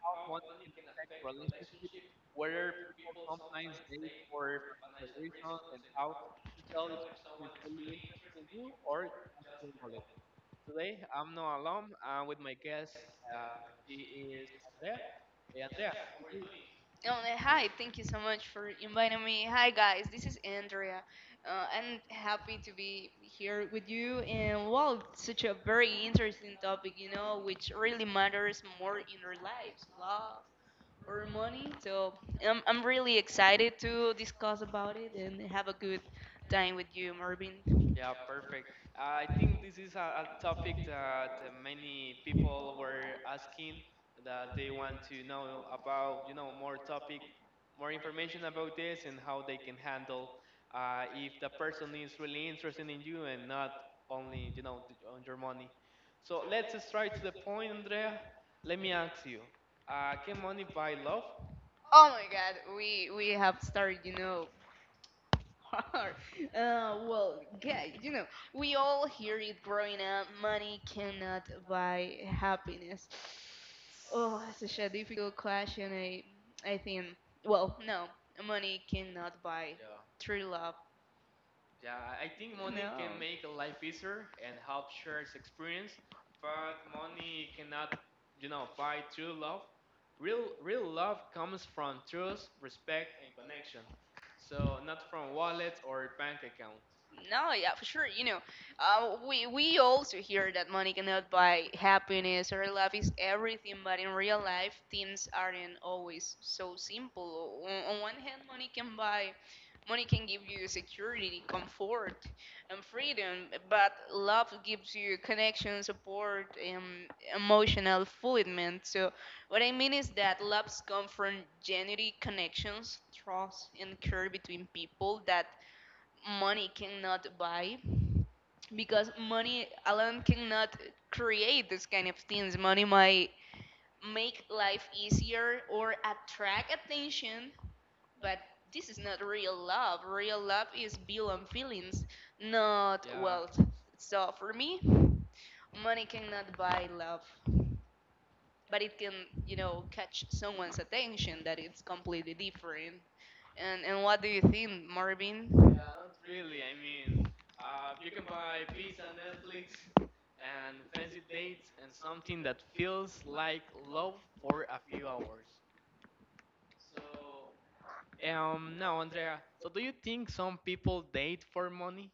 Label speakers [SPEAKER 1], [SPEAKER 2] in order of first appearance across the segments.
[SPEAKER 1] how money can affect relationships, whether people sometimes date for financial reasons, and how to tell if someone is really interested in you or just your wallet. Today I'm not alone. I'm with my guest. Uh, she is Andrea. Hey Andrea, how are you doing?
[SPEAKER 2] Oh, Hi, thank you so much for inviting me. Hi, guys, this is Andrea. I'm happy to be here with you. And well, it's such a very interesting topic, you know, which really matters more in our lives, love or money. So I'm really excited to discuss about it and have a good time with you, Marvin.
[SPEAKER 1] Yeah, perfect. I think this is a topic that many people were asking that they want to know about, more topic, more information about this and how they can handle if the person is really interested in you and not only, on your money. So let's just try to the point, Andrea. Let me ask you, can money buy love?
[SPEAKER 2] Oh my God, we have started, you know, hard. Well, yeah, you know, we all hear it growing up. Money cannot buy happiness. Oh, such a difficult question. I think. Well, no, money cannot buy
[SPEAKER 1] Yeah.
[SPEAKER 2] true love.
[SPEAKER 1] Yeah, I think money
[SPEAKER 2] No.
[SPEAKER 1] can make life easier and help share its experience, but money cannot, you know, buy true love. Real love comes from trust, respect, and connection. So not from wallets or bank accounts.
[SPEAKER 2] No, yeah, for sure. You know, we also hear that money cannot buy happiness or love is everything, but in real life, things aren't always so simple. On one hand, money can buy, money can give you security, comfort, and freedom, but love gives you connection, support, and emotional fulfillment. So what I mean is that loves come from genetic connections, trust, and care between people that money cannot buy. Because money alone cannot create this kind of things. Money might make life easier or attract attention, but this is not real love. Real love is built on feelings, not
[SPEAKER 1] Yeah,
[SPEAKER 2] wealth. So for me, money cannot buy love, but it can, you know, catch someone's attention. That it's completely different. And what do you think, Marvin?
[SPEAKER 1] yeah, not really. I mean, you can buy pizza, Netflix, and fancy dates, and something that feels like love for a few hours. Now, Andrea, so do you think some people date for money?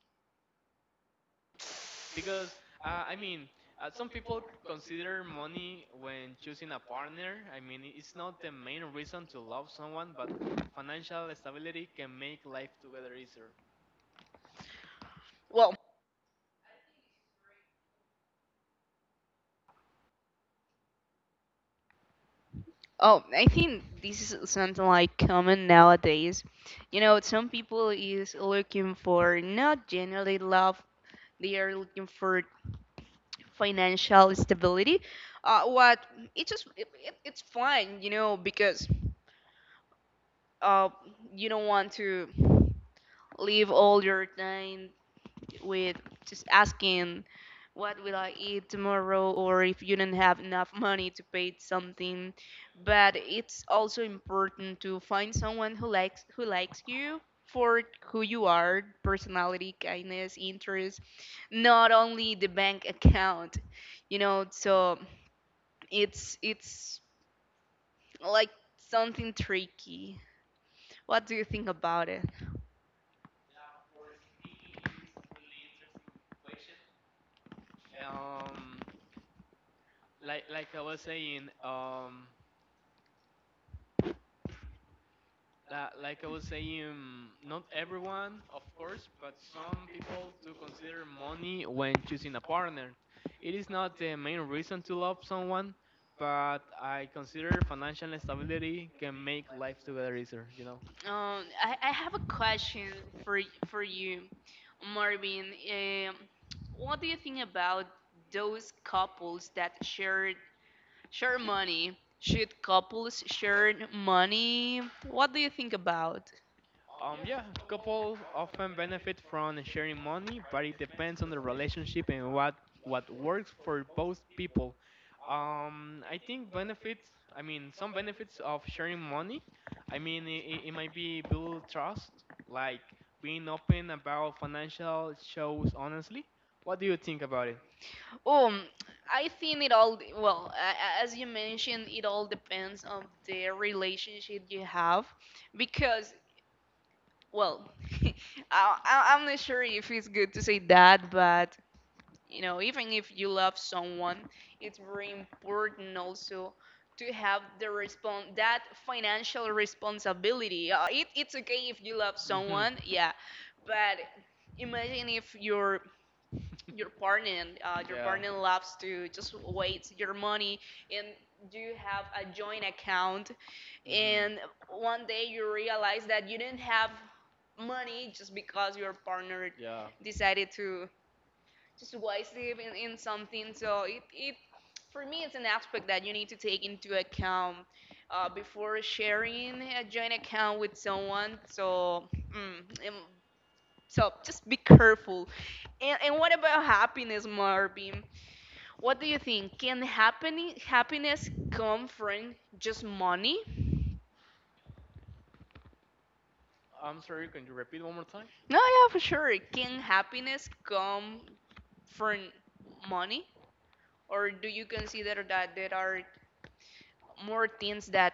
[SPEAKER 1] Because, I mean, some people consider money when choosing a partner. I mean, it's not the main reason to love someone, but financial stability can make life together easier.
[SPEAKER 2] Well, oh, I think this is something like common nowadays, you know. Some people is looking for not generally love. They are looking for financial stability. What it just it it's fine, you know, because uh, you don't want to leave all your time with just asking what will I eat tomorrow, or if you don't have enough money to pay something. But it's also important to find someone who likes you for who you are, personality, kindness, interest, not only the bank account. You know, so it's like something tricky. What do you think about it?
[SPEAKER 1] Um, like I was saying, like I was saying, not everyone, of course, but some people do consider money when choosing a partner. It is not the main reason to love someone, but I consider financial stability can make life together easier, you know?
[SPEAKER 2] I have a question for for you, Marvin. Um, what do you think about those couples that share money? Should couples share money? What do you think about?
[SPEAKER 1] Yeah, couple often benefit from sharing money, but it depends on the relationship and what works for both people. I think benefits. I mean, some benefits of sharing money. I mean, it might be build trust, like being open about financial shows honestly. What do you think about it?
[SPEAKER 2] Um, I think it all, well, as you mentioned, it all depends on the relationship you have, because, well, I'm not sure if it's good to say that, but you know, even if you love someone, it's very important also to have the respon that financial responsibility. It's okay if you love
[SPEAKER 1] Mhm.
[SPEAKER 2] someone, yeah, but imagine if your partner, your
[SPEAKER 1] Yeah.
[SPEAKER 2] partner loves to just waste your money, and you have a joint account,
[SPEAKER 1] Hmm.
[SPEAKER 2] and 1 day you realize that you didn't have money just because your partner
[SPEAKER 1] Yeah.
[SPEAKER 2] decided to just divisive in something. So it for me it's an aspect that you need to take into account before sharing a joint account with someone. So mm, um, so just be careful. And what about happiness, Marvin? What do you think? Can happen happiness come from just money?
[SPEAKER 1] I'm sorry, can you repeat one more time?
[SPEAKER 2] No, yeah, for sure. Can happiness come from money? Or do you consider that there are more things that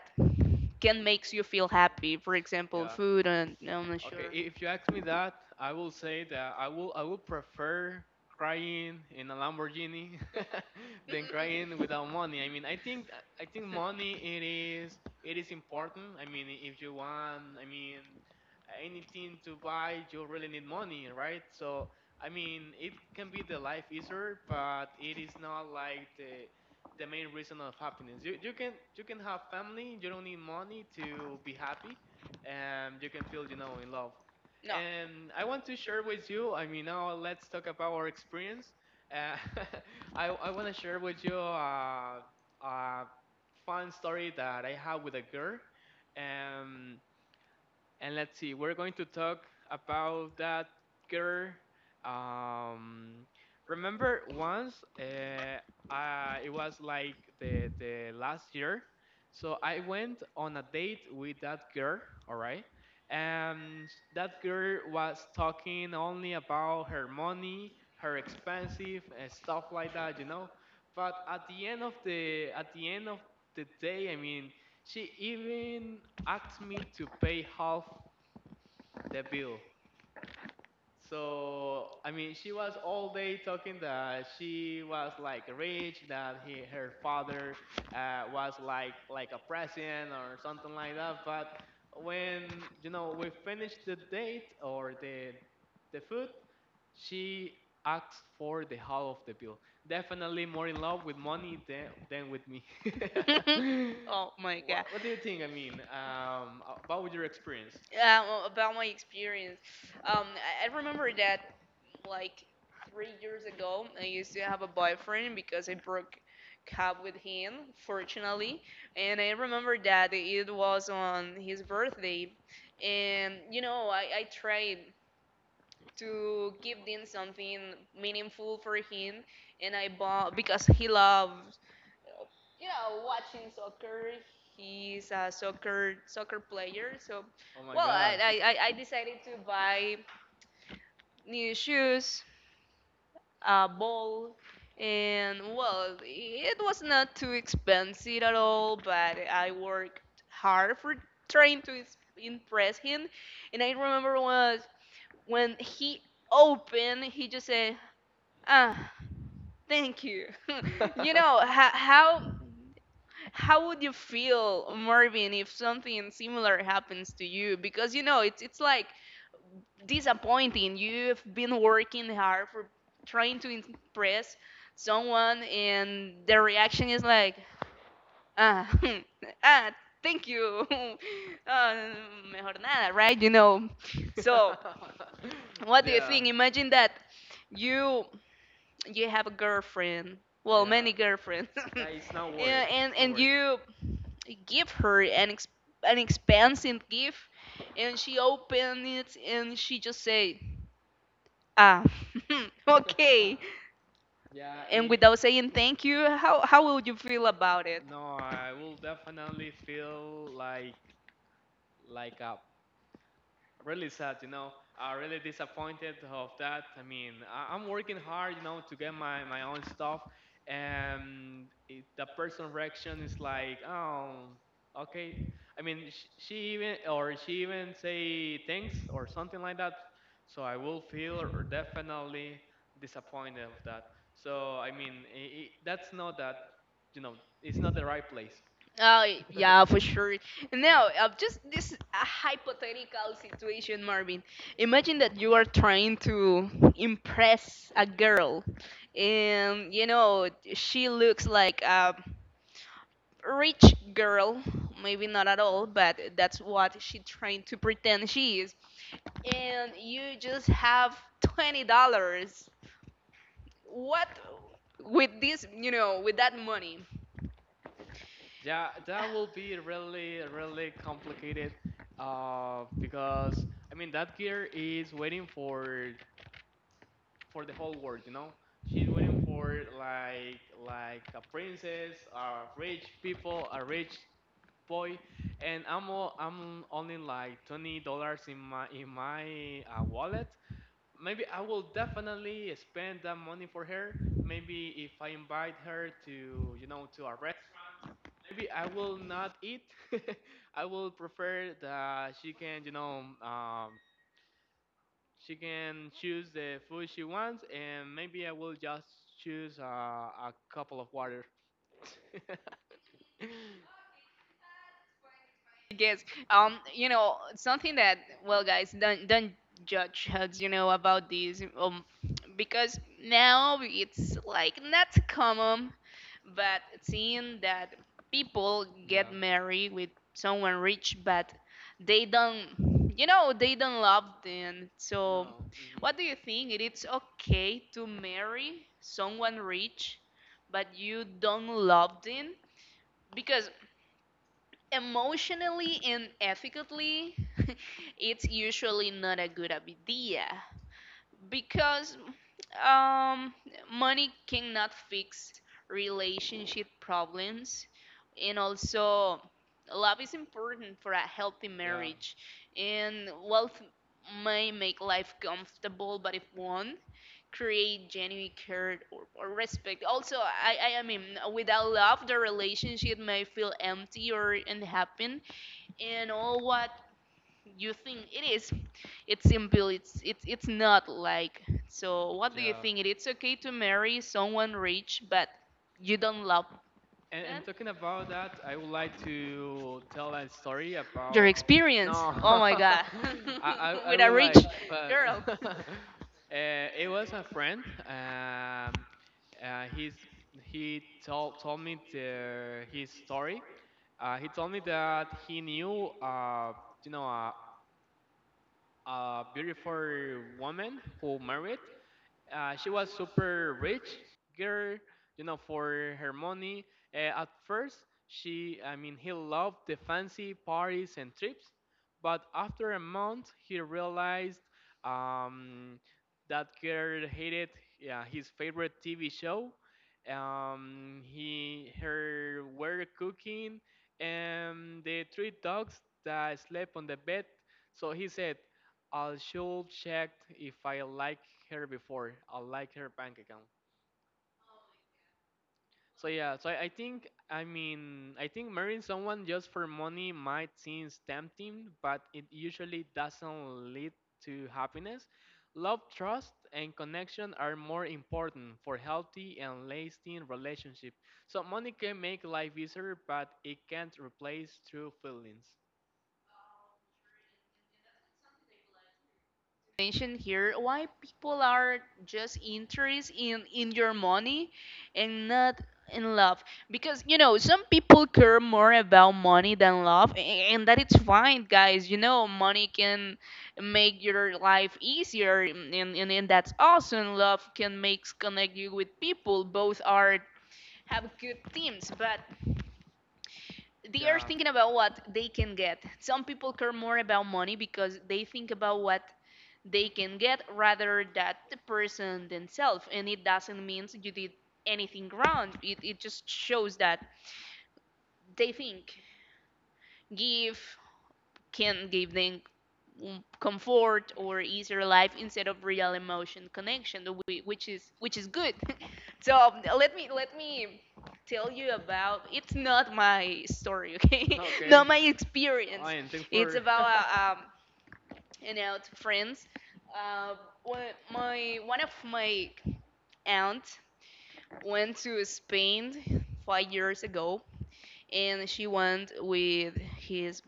[SPEAKER 2] can makes you feel happy? For example,
[SPEAKER 1] Yeah,
[SPEAKER 2] food, and I'm not
[SPEAKER 1] okay,
[SPEAKER 2] sure.
[SPEAKER 1] if you ask me
[SPEAKER 2] No.
[SPEAKER 1] that, I will say that I would prefer crying in a Lamborghini than crying without money. I mean, I think money it is important. I mean, if you want, I mean, anything to buy, you really need money, right? So, I mean, it can be the life easier, but it is not like the main reason of happiness. You can have family, you don't need money to be happy and you can feel, you know, in love. And I want to share with you, I mean, now let's talk about our experience. Uh, I want to share with you a fun story that I have with a girl. Um, and let's see, we're going to talk about that girl. Um, remember once, it was like the last year, so I went on a date with that girl. All right, and that girl was talking only about her money, her expensive and stuff like that, you know. But at the end of the day, I mean, she even asked me to pay half the bill. So I mean, she was all day talking that she was like rich, that he her father was like a president or something like that. But when you know we finished the date or the food, she asked for the half of the bill. Definitely more in love with money than with me.
[SPEAKER 2] Oh my
[SPEAKER 1] What
[SPEAKER 2] God.
[SPEAKER 1] do you think? I mean, about your experience?
[SPEAKER 2] About my experience. Um, I I remember that like 3 years ago, I used to have a boyfriend, because I broke up with him, fortunately. And I remember that it was on his birthday. And, you know, I tried to give him something meaningful for him. And I bought, because he loved, you know, watching soccer. He's a soccer player. So,
[SPEAKER 1] Oh my
[SPEAKER 2] well,
[SPEAKER 1] God.
[SPEAKER 2] I decided to buy new shoes, a bowl, and well, it was not too expensive at all, but I worked hard for trying to impress him. And I remember, was when he opened, he just said, ah, thank you. You know, how would you feel, Marvin, if something similar happens to you? Because, you know, it's like disappointing. You've been working hard for trying to impress someone, and the reaction is like, ah, ah, thank you, uh, mejor nada, right? You know. So, what do you
[SPEAKER 1] Yeah,
[SPEAKER 2] think? Imagine that you you have a girlfriend, well,
[SPEAKER 1] yeah,
[SPEAKER 2] many girlfriends,
[SPEAKER 1] yeah. It's not worth it.
[SPEAKER 2] and, and
[SPEAKER 1] It's not
[SPEAKER 2] and
[SPEAKER 1] worth
[SPEAKER 2] you give her an expensive gift, and she opens it and she just say, ah,
[SPEAKER 1] it.
[SPEAKER 2] okay.
[SPEAKER 1] Yeah,
[SPEAKER 2] And
[SPEAKER 1] it.
[SPEAKER 2] without saying thank you, how would you feel about it?
[SPEAKER 1] No, I will definitely feel like a really sad you know really disappointed of that. I mean I'm working hard you know to get my own stuff and it, the person reaction is like oh okay. I mean she even or she even say thanks or something like that, so I will feel definitely disappointed of that. So I mean I that's not that you know, it's not the right place.
[SPEAKER 2] Yeah, for sure. Now, just this a hypothetical situation, Marvin. Imagine that you are trying to impress a girl, and you know, she looks like a rich girl. Maybe not at all, but that's what she trying to pretend she is, and you just have $20. What with this, you know, with that money?
[SPEAKER 1] Yeah, that will be really, really complicated, because I mean that gear is waiting for the whole world, you know. She's waiting for like a princess, a rich people, a rich boy, and I'm only like $20 in my wallet. Maybe I will definitely spend that money for her. Maybe if I invite her to you know to a maybe I will not eat. I will prefer that she can, you know, she can choose the food she wants, and maybe I will just choose a couple of water.
[SPEAKER 2] Guess, you know, something that, well, guys, don't judge us, you know, about these, because now it's like not common, but seeing that people get
[SPEAKER 1] Yeah.
[SPEAKER 2] married with someone rich but they don't, you know, they don't love them. So
[SPEAKER 1] No. Hmm.
[SPEAKER 2] what do you think, it is okay to marry someone rich but you don't love them? Because emotionally and ethically, it's usually not a good idea, because um, money cannot fix relationship problems, and also love is important for a healthy
[SPEAKER 1] Yeah.
[SPEAKER 2] marriage. And wealth may make life comfortable, but if one create genuine care, or respect. Also, I mean, without love, the relationship may feel empty or unhappy. And all, what you think, it is, it's simple, it's it's not like. So what do you
[SPEAKER 1] Yeah.
[SPEAKER 2] think, it it's okay to marry someone rich but you don't love them?
[SPEAKER 1] And talking about that, I would like to tell a story
[SPEAKER 2] Your
[SPEAKER 1] about.
[SPEAKER 2] experience.
[SPEAKER 1] No,
[SPEAKER 2] Oh my God.
[SPEAKER 1] I
[SPEAKER 2] With a
[SPEAKER 1] would
[SPEAKER 2] rich
[SPEAKER 1] like, but
[SPEAKER 2] girl,
[SPEAKER 1] uh, it was a friend. He's he told me the, his story. He told me that he knew you know a beautiful woman who married she was super rich girl, you know, for her money. At first, she, I mean, he loved the fancy parties and trips, but after a month, he realized um, that girl hated yeah, his favorite TV show. He, her were cooking, and the three dogs that slept on the bed. So he said, I should check if I like her before. I like her bank account. So yeah, so I think I mean I think marrying someone just for money might seem tempting, but it usually doesn't lead to happiness. Love, trust, and connection are more important for healthy and lasting relationship. So money can make life easier, but it can't replace true feelings.
[SPEAKER 2] mention here why people are just interested in your money and not in love? Because, you know, some people care more about money than love, and that it's fine, guys. You know, money can make your life easier, and that's awesome. Love can make connect you with people. Both are, have good themes, but they are
[SPEAKER 1] Yeah.
[SPEAKER 2] thinking about what they can get. Some people care more about money because they think about what they can get rather that the person themselves. And it doesn't mean you did anything wrong. It just shows that they think give can give them comfort or easier life instead of real emotion connection, which is good. So let me tell you about, it's not my story, okay?
[SPEAKER 1] Okay.
[SPEAKER 2] Not my experience.
[SPEAKER 1] Ian, thanks
[SPEAKER 2] It's
[SPEAKER 1] for.
[SPEAKER 2] about a, and out to friends. Uh, my, one of my aunt went to Spain 5 years ago, and she went with his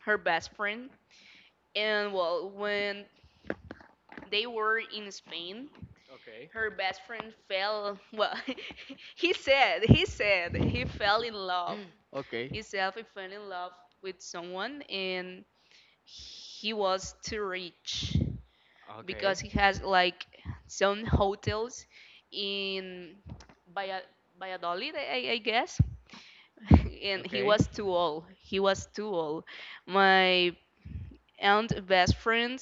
[SPEAKER 2] her best friend. And well, when they were in Spain,
[SPEAKER 1] Okay.
[SPEAKER 2] her best friend fell. Well, he said he fell in love.
[SPEAKER 1] Okay.
[SPEAKER 2] He said he fell in love with someone, and he was too rich because
[SPEAKER 1] Okay.
[SPEAKER 2] he has like some hotels in Valla- Valladolid, I guess. And he
[SPEAKER 1] Okay.
[SPEAKER 2] was too old. My aunt best friend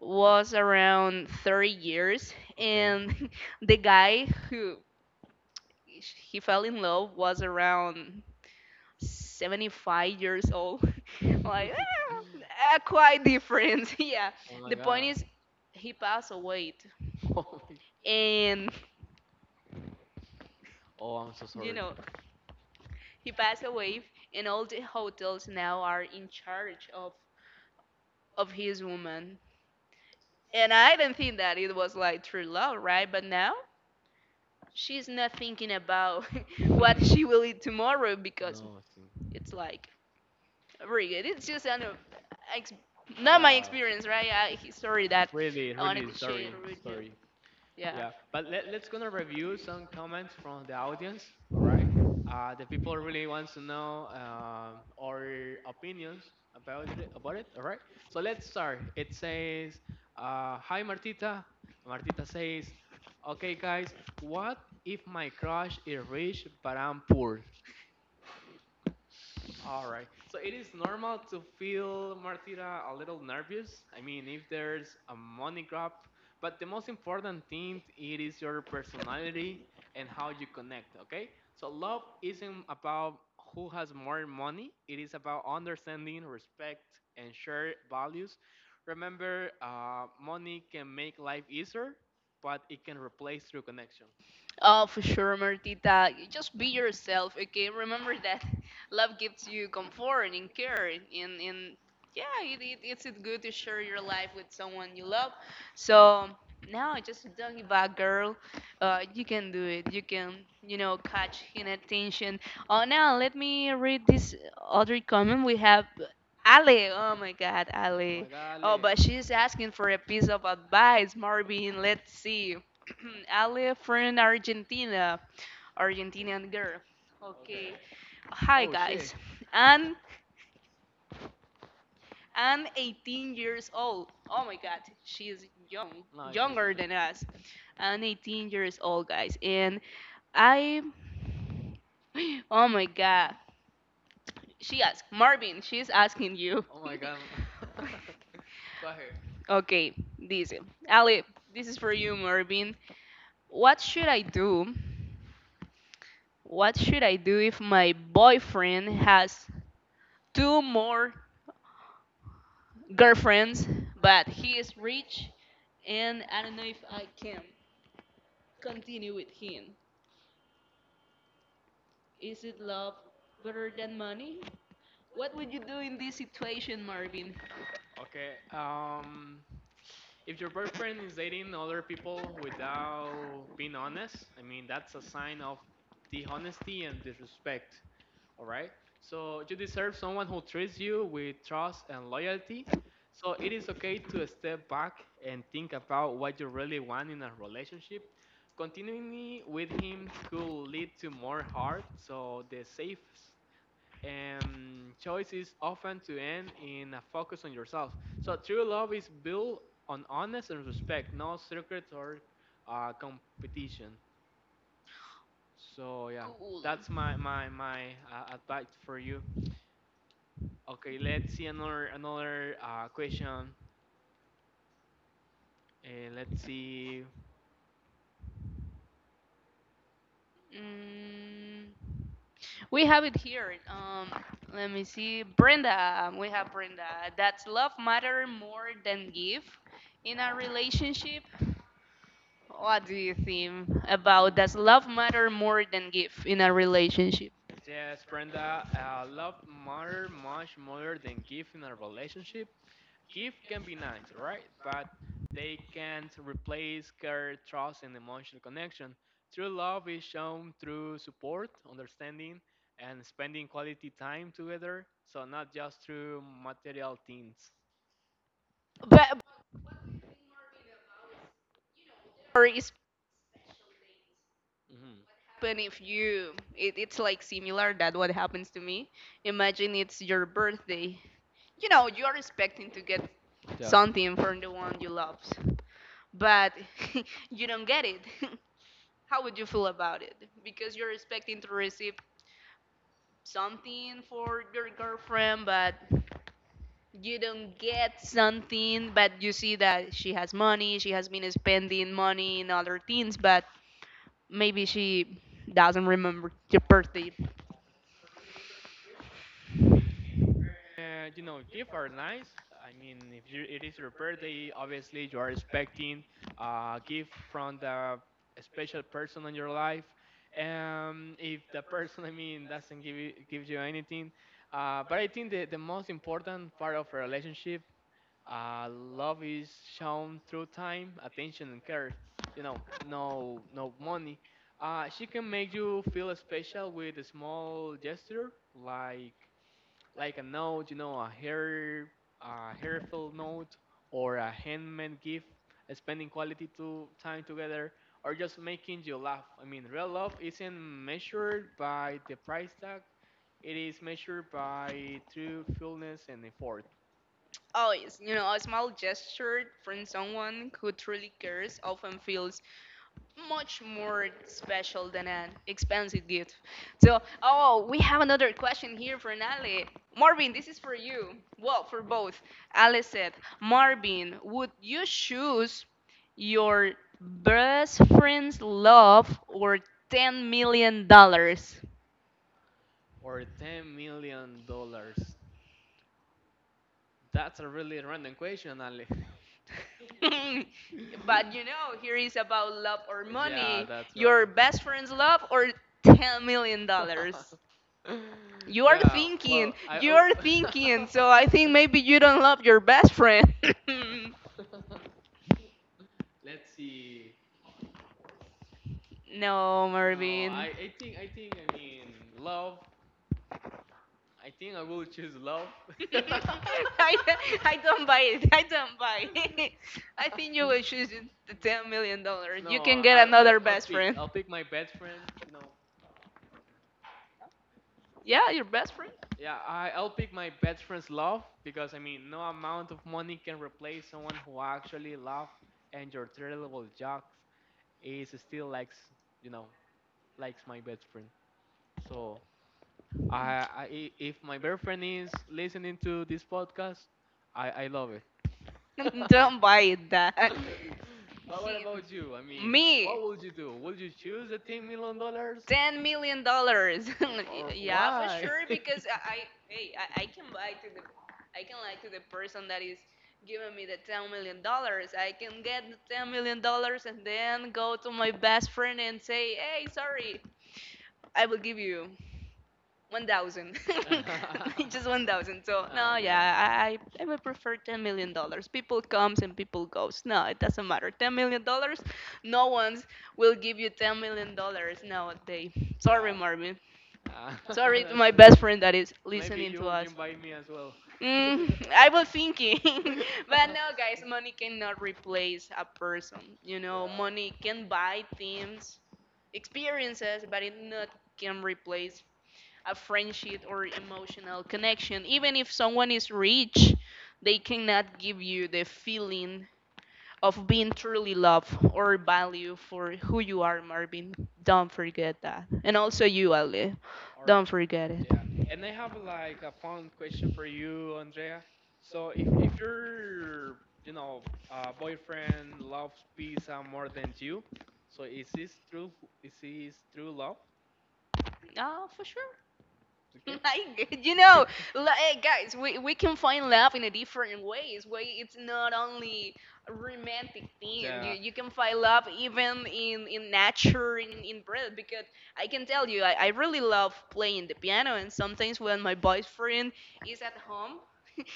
[SPEAKER 2] was around 30 years,
[SPEAKER 1] Okay.
[SPEAKER 2] and the guy who he fell in love was around 75 years old. Like, ah, ah, quite different. Yeah.
[SPEAKER 1] Oh my
[SPEAKER 2] The point
[SPEAKER 1] god.
[SPEAKER 2] is, he passed away, and
[SPEAKER 1] Oh, I'm so
[SPEAKER 2] you
[SPEAKER 1] sorry.
[SPEAKER 2] know, he passed away, and all the hotels now are in charge of his woman. And I didn't think that it was like true love, right? But now she's not thinking about
[SPEAKER 1] No,
[SPEAKER 2] what she will eat tomorrow, because
[SPEAKER 1] I think-
[SPEAKER 2] it's like very good. It's just an, ex- not my
[SPEAKER 1] yeah.
[SPEAKER 2] experience, right? I, sorry that
[SPEAKER 1] Really,
[SPEAKER 2] I wanted
[SPEAKER 1] really
[SPEAKER 2] to share
[SPEAKER 1] sorry.
[SPEAKER 2] it with you.
[SPEAKER 1] Sorry.
[SPEAKER 2] Yeah.
[SPEAKER 1] Yeah, but let's gonna review some comments from the audience. All right, the people really wants to know our opinions about it. About it. All right, so let's start. It says, "Hi Martita." Martita says, "Okay guys, what if my crush is rich but I'm poor? All right. So it is normal to feel, Martira, a little nervous. I mean, if there's a money grab, but the most important thing it is your personality and how you connect. Okay. So love isn't about who has more money. It is about understanding, respect, and shared values. Remember, money can make life easier, but it can replace true connection.
[SPEAKER 2] Oh, for sure, Martita. Just be yourself, okay? Remember that, love gives you comfort and care, and yeah, it's it good to share your life with someone you love. So now, just don't give up, girl. You can do it. You can, you know, catch inattention. Oh, now let me read this other comment we have. Ale, oh my God,
[SPEAKER 1] Oh
[SPEAKER 2] Ale.
[SPEAKER 1] my God,
[SPEAKER 2] Oh,
[SPEAKER 1] Ale.
[SPEAKER 2] but she's asking for a piece of advice, Marvin. Let's see. Ali from Argentina, Argentinian girl.
[SPEAKER 1] Okay.
[SPEAKER 2] Okay. Hi
[SPEAKER 1] Oh shit.
[SPEAKER 2] guys. I'm I'm 18 years old. Oh my God, she is young,
[SPEAKER 1] No, she's a
[SPEAKER 2] younger
[SPEAKER 1] joke.
[SPEAKER 2] than us. I'm 18 years old, guys, and I. Oh my God. She asked Marvin. She's asking you.
[SPEAKER 1] Oh my god. Go ahead.
[SPEAKER 2] Okay, this Ali. This is for you, Marvin. What should I do What should I do if my boyfriend has two more girlfriends, but he is rich and I don't know if I can continue with him? Is it love better than money? What would you do in this situation, Marvin?
[SPEAKER 1] Okay. If your boyfriend is dating other people without being honest, I mean that's a sign of dishonesty and disrespect. All right. So you deserve someone who treats you with trust and loyalty. So it is okay to step back and think about what you really want in a relationship. Continuing with him could lead to more hurt. So the safe choices often to end in a focus on yourself. So true love is built on honesty and respect, no secrets or competition. So yeah,
[SPEAKER 2] Cool.
[SPEAKER 1] that's my advice for you. Okay, let's see another question. Let's see.
[SPEAKER 2] Mm, we have it here. Let me see. Brenda. We have Brenda. Does love matter more than give in a relationship? What do you think about does love matter more than give in a relationship?
[SPEAKER 1] Yes, Brenda, love matter much more than gift in a relationship. Gift can be nice, right? But they can't replace care, trust, and emotional connection. True love is shown through support, understanding, and spending quality time together, so not just through material things.
[SPEAKER 2] But or is
[SPEAKER 1] Mhm.
[SPEAKER 2] happen if you it's like similar that what happens to me. Imagine it's your birthday. You know, you are expecting to get
[SPEAKER 1] Yeah.
[SPEAKER 2] something from the one you love, but you don't get it. How would you feel about it? Because you're expecting to receive something for your girlfriend, but you don't get something, but you see that she has money, she has been spending money in other things, but maybe she doesn't remember your birthday.
[SPEAKER 1] You know, gifts are nice. I mean, if you, it is your birthday, obviously you are expecting a gift from the special person in your life. If the person, I mean, doesn't give you anything, but I think the most important part of a relationship, love is shown through time, attention, and care. You know, no, no money. She can make you feel special with a small gesture, like a note, you know, a hairful note, or a handmade gift, spending quality to time together, or just making you laugh. I mean, real love isn't measured by the price tag; it is measured by truthfulness and effort,
[SPEAKER 2] Always, you know, a small gesture from someone who truly cares often feels much more special than an expensive gift. So, oh, we have another question here for Nale. Marvin, this is for you. Well, for both. Ale said, Marvin, would you choose your best friend's love or $10 million? Dollars?
[SPEAKER 1] or $10 million. That's a really random question, Ali.
[SPEAKER 2] But you know, here is about love or
[SPEAKER 1] Yeah,
[SPEAKER 2] money.
[SPEAKER 1] that's right.
[SPEAKER 2] Your best friend's love or $10 million? Dollars? You are
[SPEAKER 1] Yeah. Well,
[SPEAKER 2] thinking,
[SPEAKER 1] I.
[SPEAKER 2] you
[SPEAKER 1] Oh,
[SPEAKER 2] are thinking, so I think maybe you don't love your best friend.
[SPEAKER 1] let's see.
[SPEAKER 2] No,
[SPEAKER 1] No,
[SPEAKER 2] Marvin.
[SPEAKER 1] I think I mean love. I think I will choose love.
[SPEAKER 2] I, I don't buy it. I don't buy it. I think you will choose the $10 million. You
[SPEAKER 1] No,
[SPEAKER 2] can get another
[SPEAKER 1] I'll
[SPEAKER 2] best
[SPEAKER 1] pick
[SPEAKER 2] friend.
[SPEAKER 1] my best friend.
[SPEAKER 2] Yeah, your best friend.
[SPEAKER 1] Yeah, I'll pick my best friend's love because I mean no amount of money can replace someone who actually love and your terrible jokes is still likes you know likes my best friend. So if my best friend is listening to this podcast, I love it.
[SPEAKER 2] Don't buy it. That
[SPEAKER 1] But what
[SPEAKER 2] he,
[SPEAKER 1] about you? I mean,
[SPEAKER 2] me.
[SPEAKER 1] what would you do? Would you choose the $10 million
[SPEAKER 2] 10 million dollars.
[SPEAKER 1] or
[SPEAKER 2] Yeah, for
[SPEAKER 1] why?
[SPEAKER 2] sure. Because I hey, I can buy to the, I can lie to the person that is giving me the $10 million. I can get the $10 million and then go to my best friend and say, hey, sorry, I will give you 1,000, just 1,000. So
[SPEAKER 1] Ah,
[SPEAKER 2] no, yeah,
[SPEAKER 1] yeah,
[SPEAKER 2] I would prefer $10 million. People comes and people goes. No, it doesn't matter. $10 million, no one's will give you $10 million nowadays. Sorry,
[SPEAKER 1] yeah.
[SPEAKER 2] Marvin.
[SPEAKER 1] Ah,
[SPEAKER 2] Sorry to
[SPEAKER 1] that's
[SPEAKER 2] my best
[SPEAKER 1] okay.
[SPEAKER 2] friend that is
[SPEAKER 1] Maybe
[SPEAKER 2] listening to
[SPEAKER 1] you
[SPEAKER 2] us.
[SPEAKER 1] invite me as well.
[SPEAKER 2] Mm, I was thinking, but no, guys, money cannot replace a person. You know,
[SPEAKER 1] Yeah.
[SPEAKER 2] money can buy things, experiences, but it not can replace a friendship or emotional connection. Even if someone is rich, they cannot give you the feeling of being truly loved or value for who you are, Marvin. Don't forget that. And also you, Ali.
[SPEAKER 1] All right.
[SPEAKER 2] Don't forget it.
[SPEAKER 1] Yeah, and I have like a fun question for you, Andrea. So if your you know boyfriend loves pizza more than you, so is this true? Is this true love?
[SPEAKER 2] Ah, for sure.
[SPEAKER 1] Okay.
[SPEAKER 2] I get- you know, like, hey, guys, we can find love in a different ways. Way it's not only a romantic thing. You
[SPEAKER 1] Yeah.
[SPEAKER 2] you can find love even in nature, in breath. Because I can tell you, I really love playing the piano, and sometimes when my boyfriend is at home.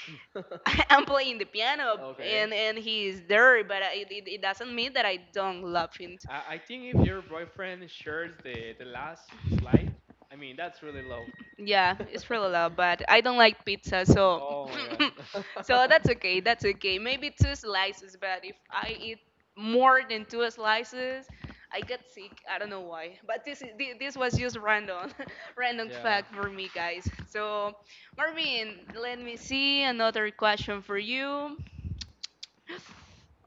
[SPEAKER 2] I'm playing the piano
[SPEAKER 1] Okay.
[SPEAKER 2] and he's there, but I, it doesn't mean that I don't love him.
[SPEAKER 1] I think if your boyfriend shares the last slide, I mean that's really low.
[SPEAKER 2] Yeah, it's really loud, but I don't like pizza, so
[SPEAKER 1] Oh my god.
[SPEAKER 2] so that's okay. That's okay. Maybe two slices, but if I eat more than two slices, I get sick. I don't know why. But this is this was just random, random
[SPEAKER 1] Yeah.
[SPEAKER 2] fact for me, guys. So, Marvin, let me see another question for you.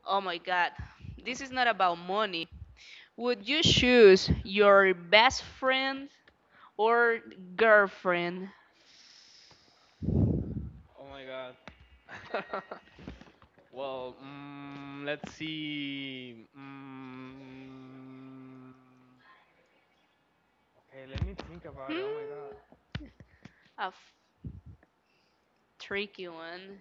[SPEAKER 2] Oh my God, this is not about money. Would you choose your best friend or girlfriend?
[SPEAKER 1] Oh my god. Well, let's see. Okay, let me think about it. Oh my
[SPEAKER 2] Hmm,
[SPEAKER 1] god.
[SPEAKER 2] a tricky one.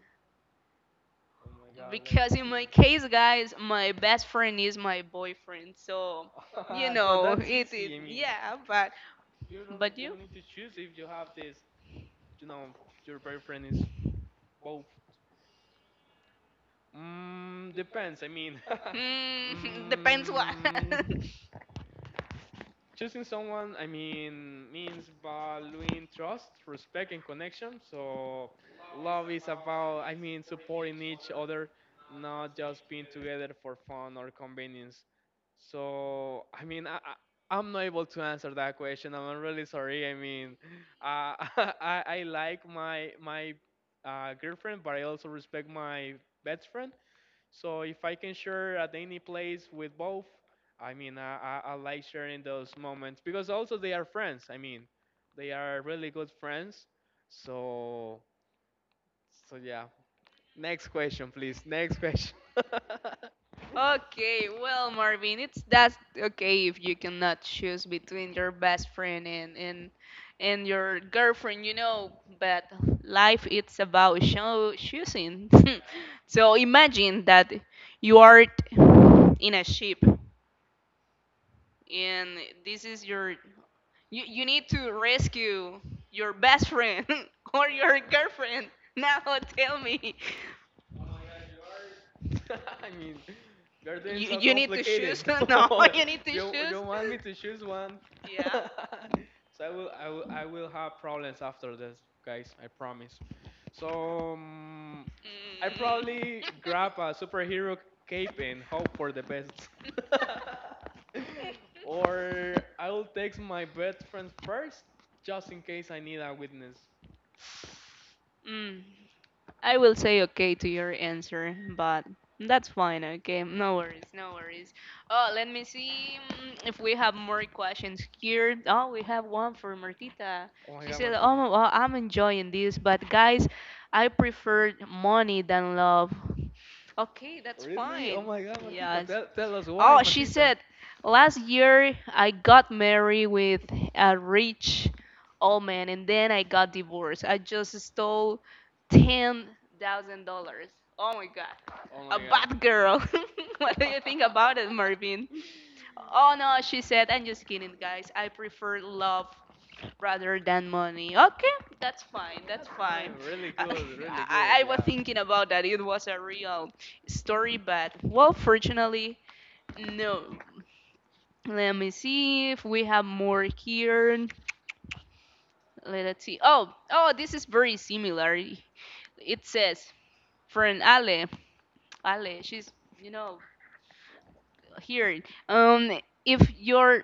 [SPEAKER 1] Oh my god. Let's
[SPEAKER 2] Because in
[SPEAKER 1] see.
[SPEAKER 2] my case, guys, my best friend is my boyfriend. So, you
[SPEAKER 1] So
[SPEAKER 2] know,
[SPEAKER 1] that's
[SPEAKER 2] it
[SPEAKER 1] easy. I mean,
[SPEAKER 2] yeah,
[SPEAKER 1] you don't
[SPEAKER 2] but
[SPEAKER 1] you
[SPEAKER 2] you?
[SPEAKER 1] don't need to choose if you have this. You know, your boyfriend is both. Depends. I mean,
[SPEAKER 2] Hmm, depends what.
[SPEAKER 1] mm, choosing someone, I mean, means valuing trust, respect, and connection. So, love is about, I mean, supporting each other, not just being together for fun or convenience. So, I mean, I'm not able to answer that question. I'm really sorry. I mean, uh, I like my girlfriend, but I also respect my best friend. So if I can share at any place with both, I mean, I like sharing those moments because also they are friends. I mean, they are really good friends. So, yeah. Next question, please. Next question.
[SPEAKER 2] Okay, well, Marvin, it's that's okay if you cannot choose between your best friend and and your girlfriend, you know. But life it's about show, choosing. So imagine that you are in a ship, and this is your you need to rescue your best friend or your girlfriend. Now tell me,
[SPEAKER 1] I mean, you're doing so
[SPEAKER 2] you need to choose?
[SPEAKER 1] complicated.
[SPEAKER 2] No, you need to
[SPEAKER 1] you
[SPEAKER 2] choose.
[SPEAKER 1] you want me to choose one?
[SPEAKER 2] Yeah.
[SPEAKER 1] So I will have problems after this, guys. I promise. So, I probably
[SPEAKER 2] Mm.
[SPEAKER 1] grab a superhero cape and hope for the best. Or I will text my best friends first, just in case I need a witness.
[SPEAKER 2] Mm. I will say okay to your answer, but that's fine, okay? No worries, no worries. Oh, let me see if we have more questions here. Oh, we have one for Martita.
[SPEAKER 1] Oh my
[SPEAKER 2] She
[SPEAKER 1] god,
[SPEAKER 2] said, oh,
[SPEAKER 1] Martita.
[SPEAKER 2] I'm enjoying this, but guys, I prefer money than love. Okay, that's
[SPEAKER 1] Really? Oh
[SPEAKER 2] fine.
[SPEAKER 1] my god, Martita.
[SPEAKER 2] Yes.
[SPEAKER 1] Tell us why,
[SPEAKER 2] Oh, she
[SPEAKER 1] Martita.
[SPEAKER 2] said, last year I got married with a rich old man and then I got divorced. I just stole $10,000. Oh my God.
[SPEAKER 1] Oh
[SPEAKER 2] A
[SPEAKER 1] my god.
[SPEAKER 2] bad girl. What do you think about it, Marvin? Oh no, she said, I'm just kidding, guys. I prefer love rather than money. Okay, that's fine. That's
[SPEAKER 1] That's
[SPEAKER 2] fine.
[SPEAKER 1] fine. Really good. Really good.
[SPEAKER 2] I, I was
[SPEAKER 1] Yeah.
[SPEAKER 2] thinking about that. It was a real story, but well, fortunately, no. Let me see if we have more here. Let's see. Oh, oh, this is very similar. It says, friend Ale, Ale, she's, you know, here. If your,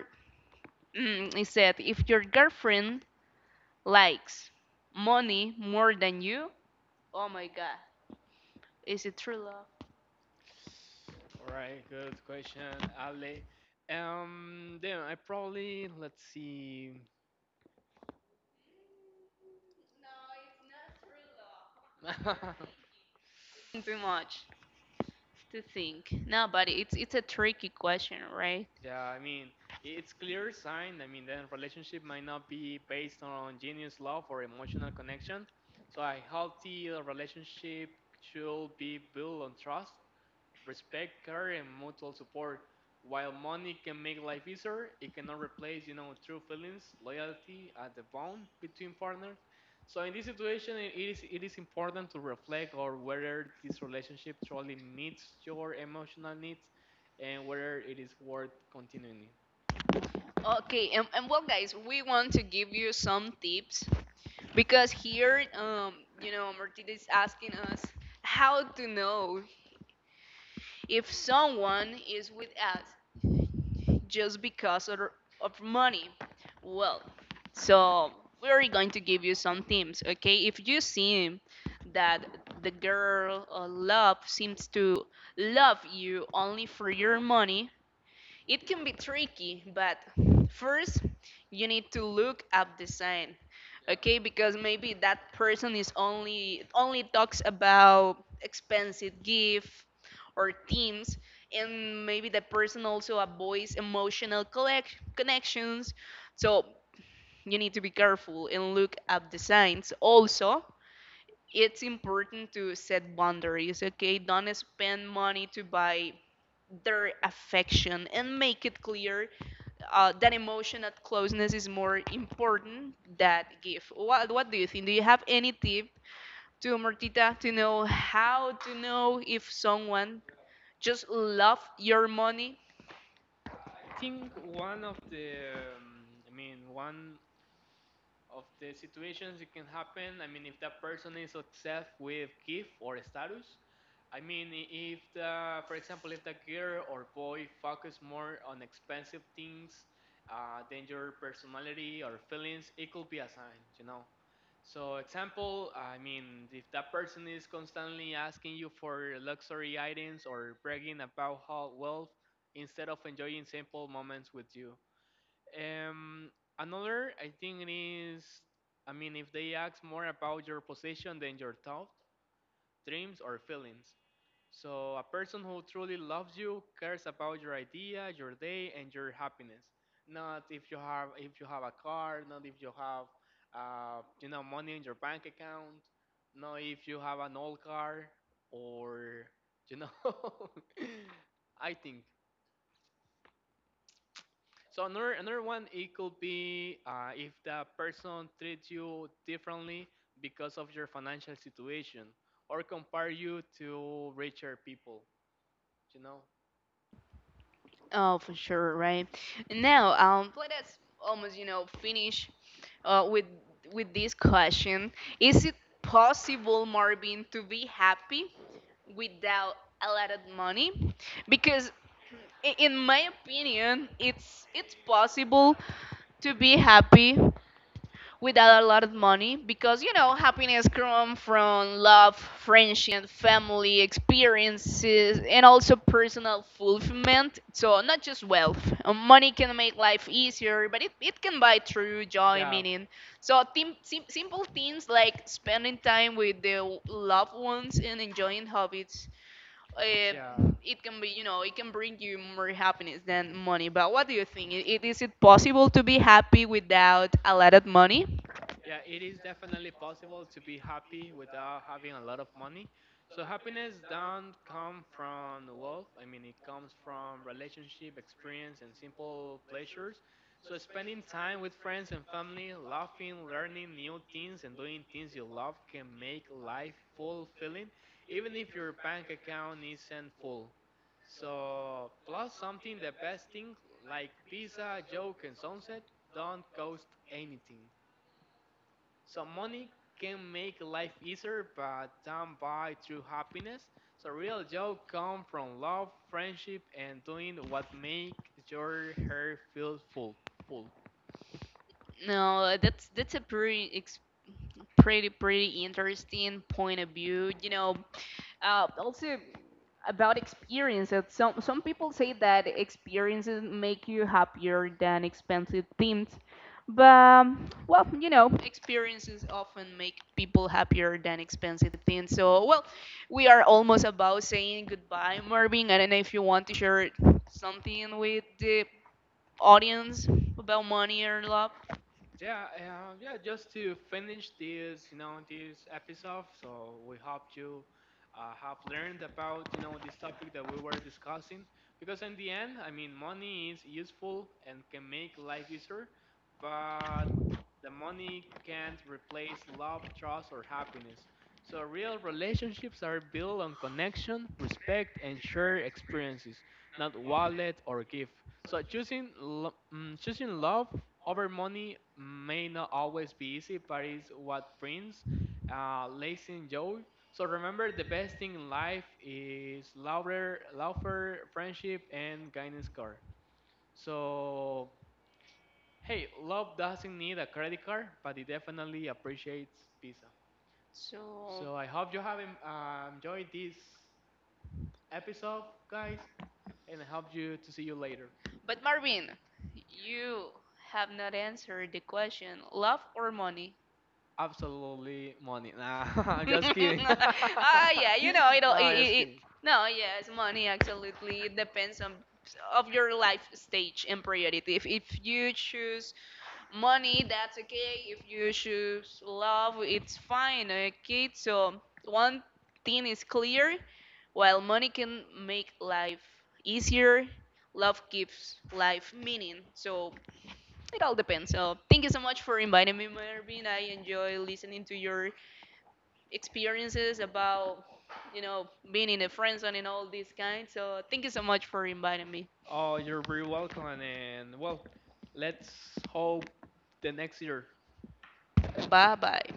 [SPEAKER 2] mm, it said, if your girlfriend likes money more than you, oh my God, is it true love?
[SPEAKER 1] All right, good question, Ale. Then I probably let's see.
[SPEAKER 2] Too much to think. No, but it's a tricky question, right?
[SPEAKER 1] Yeah, I mean, it's clear sign. I mean, then relationship might not be based on genius love or emotional connection. So a healthy relationship should be built on trust, respect, care, and mutual support. While money can make life easier, it cannot replace, true feelings, loyalty, and the bond between partners. So in this situation, it is important to reflect on whether this relationship truly meets your emotional needs, and whether it is worth continuing.
[SPEAKER 2] Okay, and well, guys, we want to give you some tips because here, you know, Martina is asking us how to know if someone is with us just because of money. Well, so we're going to give you some tips, okay? If you see that the girl or love seems to love you only for your money, it can be tricky, but first you need to look up the sign. Okay, because maybe that person is only talks about expensive gift or themes and maybe the person also avoids emotional connections. So you need to be careful and look up the signs. Also, it's important to set boundaries, okay? Don't spend money to buy their affection and make it clear that emotional closeness is more important than gift. What do you think? Do you have any tip to Martita to know how to know if someone just love your money?
[SPEAKER 1] I think I mean, one of the situations it can happen. I mean, if that person is obsessed with gift or status, I mean, I- if the, for example, if the girl or boy focus more on expensive things than your personality or feelings, it could be a sign, you know. So, example, I mean, if that person is constantly asking you for luxury items or bragging about how wealth instead of enjoying simple moments with you. Um, Another, I think it is, I mean, if they ask more about your position than your thoughts, dreams, or feelings. So, a person who truly loves you cares about your idea, your day, and your happiness. Not if you have a car, not if you have money in your bank account, not if you have an old car or you know. I think so. Another one it could be if the person treats you differently because of your financial situation or compare you to richer people. You know.
[SPEAKER 2] Oh, for sure, right? Now, let us almost, you know, finish uh, with with this question. Is it possible, Marvin, to be happy without a lot of money? Because, in my opinion, it's possible to be happy without a lot of money because you know happiness comes from love, friendship, family, experiences, and also personal fulfillment, so not just wealth. Money can make life easier but it can buy true joy
[SPEAKER 1] Yeah,
[SPEAKER 2] meaning so simple things like spending time with the loved ones and enjoying hobbies,
[SPEAKER 1] 一
[SPEAKER 2] uh,
[SPEAKER 1] 下
[SPEAKER 2] it can be, you know, it can bring you more happiness than money. But what do you think? Is it possible to be happy without a lot of money?
[SPEAKER 1] Yeah, it is definitely possible to be happy without having a lot of money. So happiness don't come from wealth. I mean, it comes from relationship, experience, and simple pleasures. So spending time with friends and family, laughing, learning new things, and doing things you love can make life fulfilling, even if your bank account isn't full. So plus something the best thing like pizza, joke, and sunset don't cost anything. So money can make life easier, but don't buy true happiness. So real joy comes from love, friendship, and doing what makes your heart feel full. Full.
[SPEAKER 2] No, that's a pretty ex pretty pretty interesting point of view. You know, also about experiences. Some people say that experiences make you happier than expensive things, but well, you know, experiences often make people happier than expensive things. So well, we are almost about saying goodbye, Marvin. I don't know if you want to share something with the audience about money or love.
[SPEAKER 1] Yeah, yeah. Just to finish this episode. So we hope you have learned about, this topic that we were discussing. Because in the end, I mean, money is useful and can make life easier, but the money can't replace love, trust, or happiness. So real relationships are built on connection, respect, and shared experiences not wallet or gift. So choosing choosing love over money may not always be easy, but it's what brings lasting joy. So remember, the best thing in life is louder, louder friendship and guidance card. So hey, love doesn't need a credit card, but it definitely appreciates pizza.
[SPEAKER 2] So,
[SPEAKER 1] So I hope you have enjoyed this episode, guys, and I hope you to see you later.
[SPEAKER 2] but Marvin, you have not answered the question, love or money?
[SPEAKER 1] Absolutely money. Nah, I'm just kidding.
[SPEAKER 2] Ah, yeah, you know,
[SPEAKER 1] No,
[SPEAKER 2] it'll, it,
[SPEAKER 1] I'm
[SPEAKER 2] it,
[SPEAKER 1] just
[SPEAKER 2] it,
[SPEAKER 1] kidding.
[SPEAKER 2] no, yes, money absolutely. It depends on of your life stage and priority. If you choose money, that's okay. If you choose love, it's fine, okay? So, one thing is clear while money can make life easier, love gives life meaning. So, it all depends. So, thank you so much for inviting me, Marvin. I enjoy listening to your experiences about you know being in a friend zone and all these kinds. So thank you so much for inviting me.
[SPEAKER 1] Oh, you're very welcome. And well, let's hope the next year
[SPEAKER 2] Bye bye.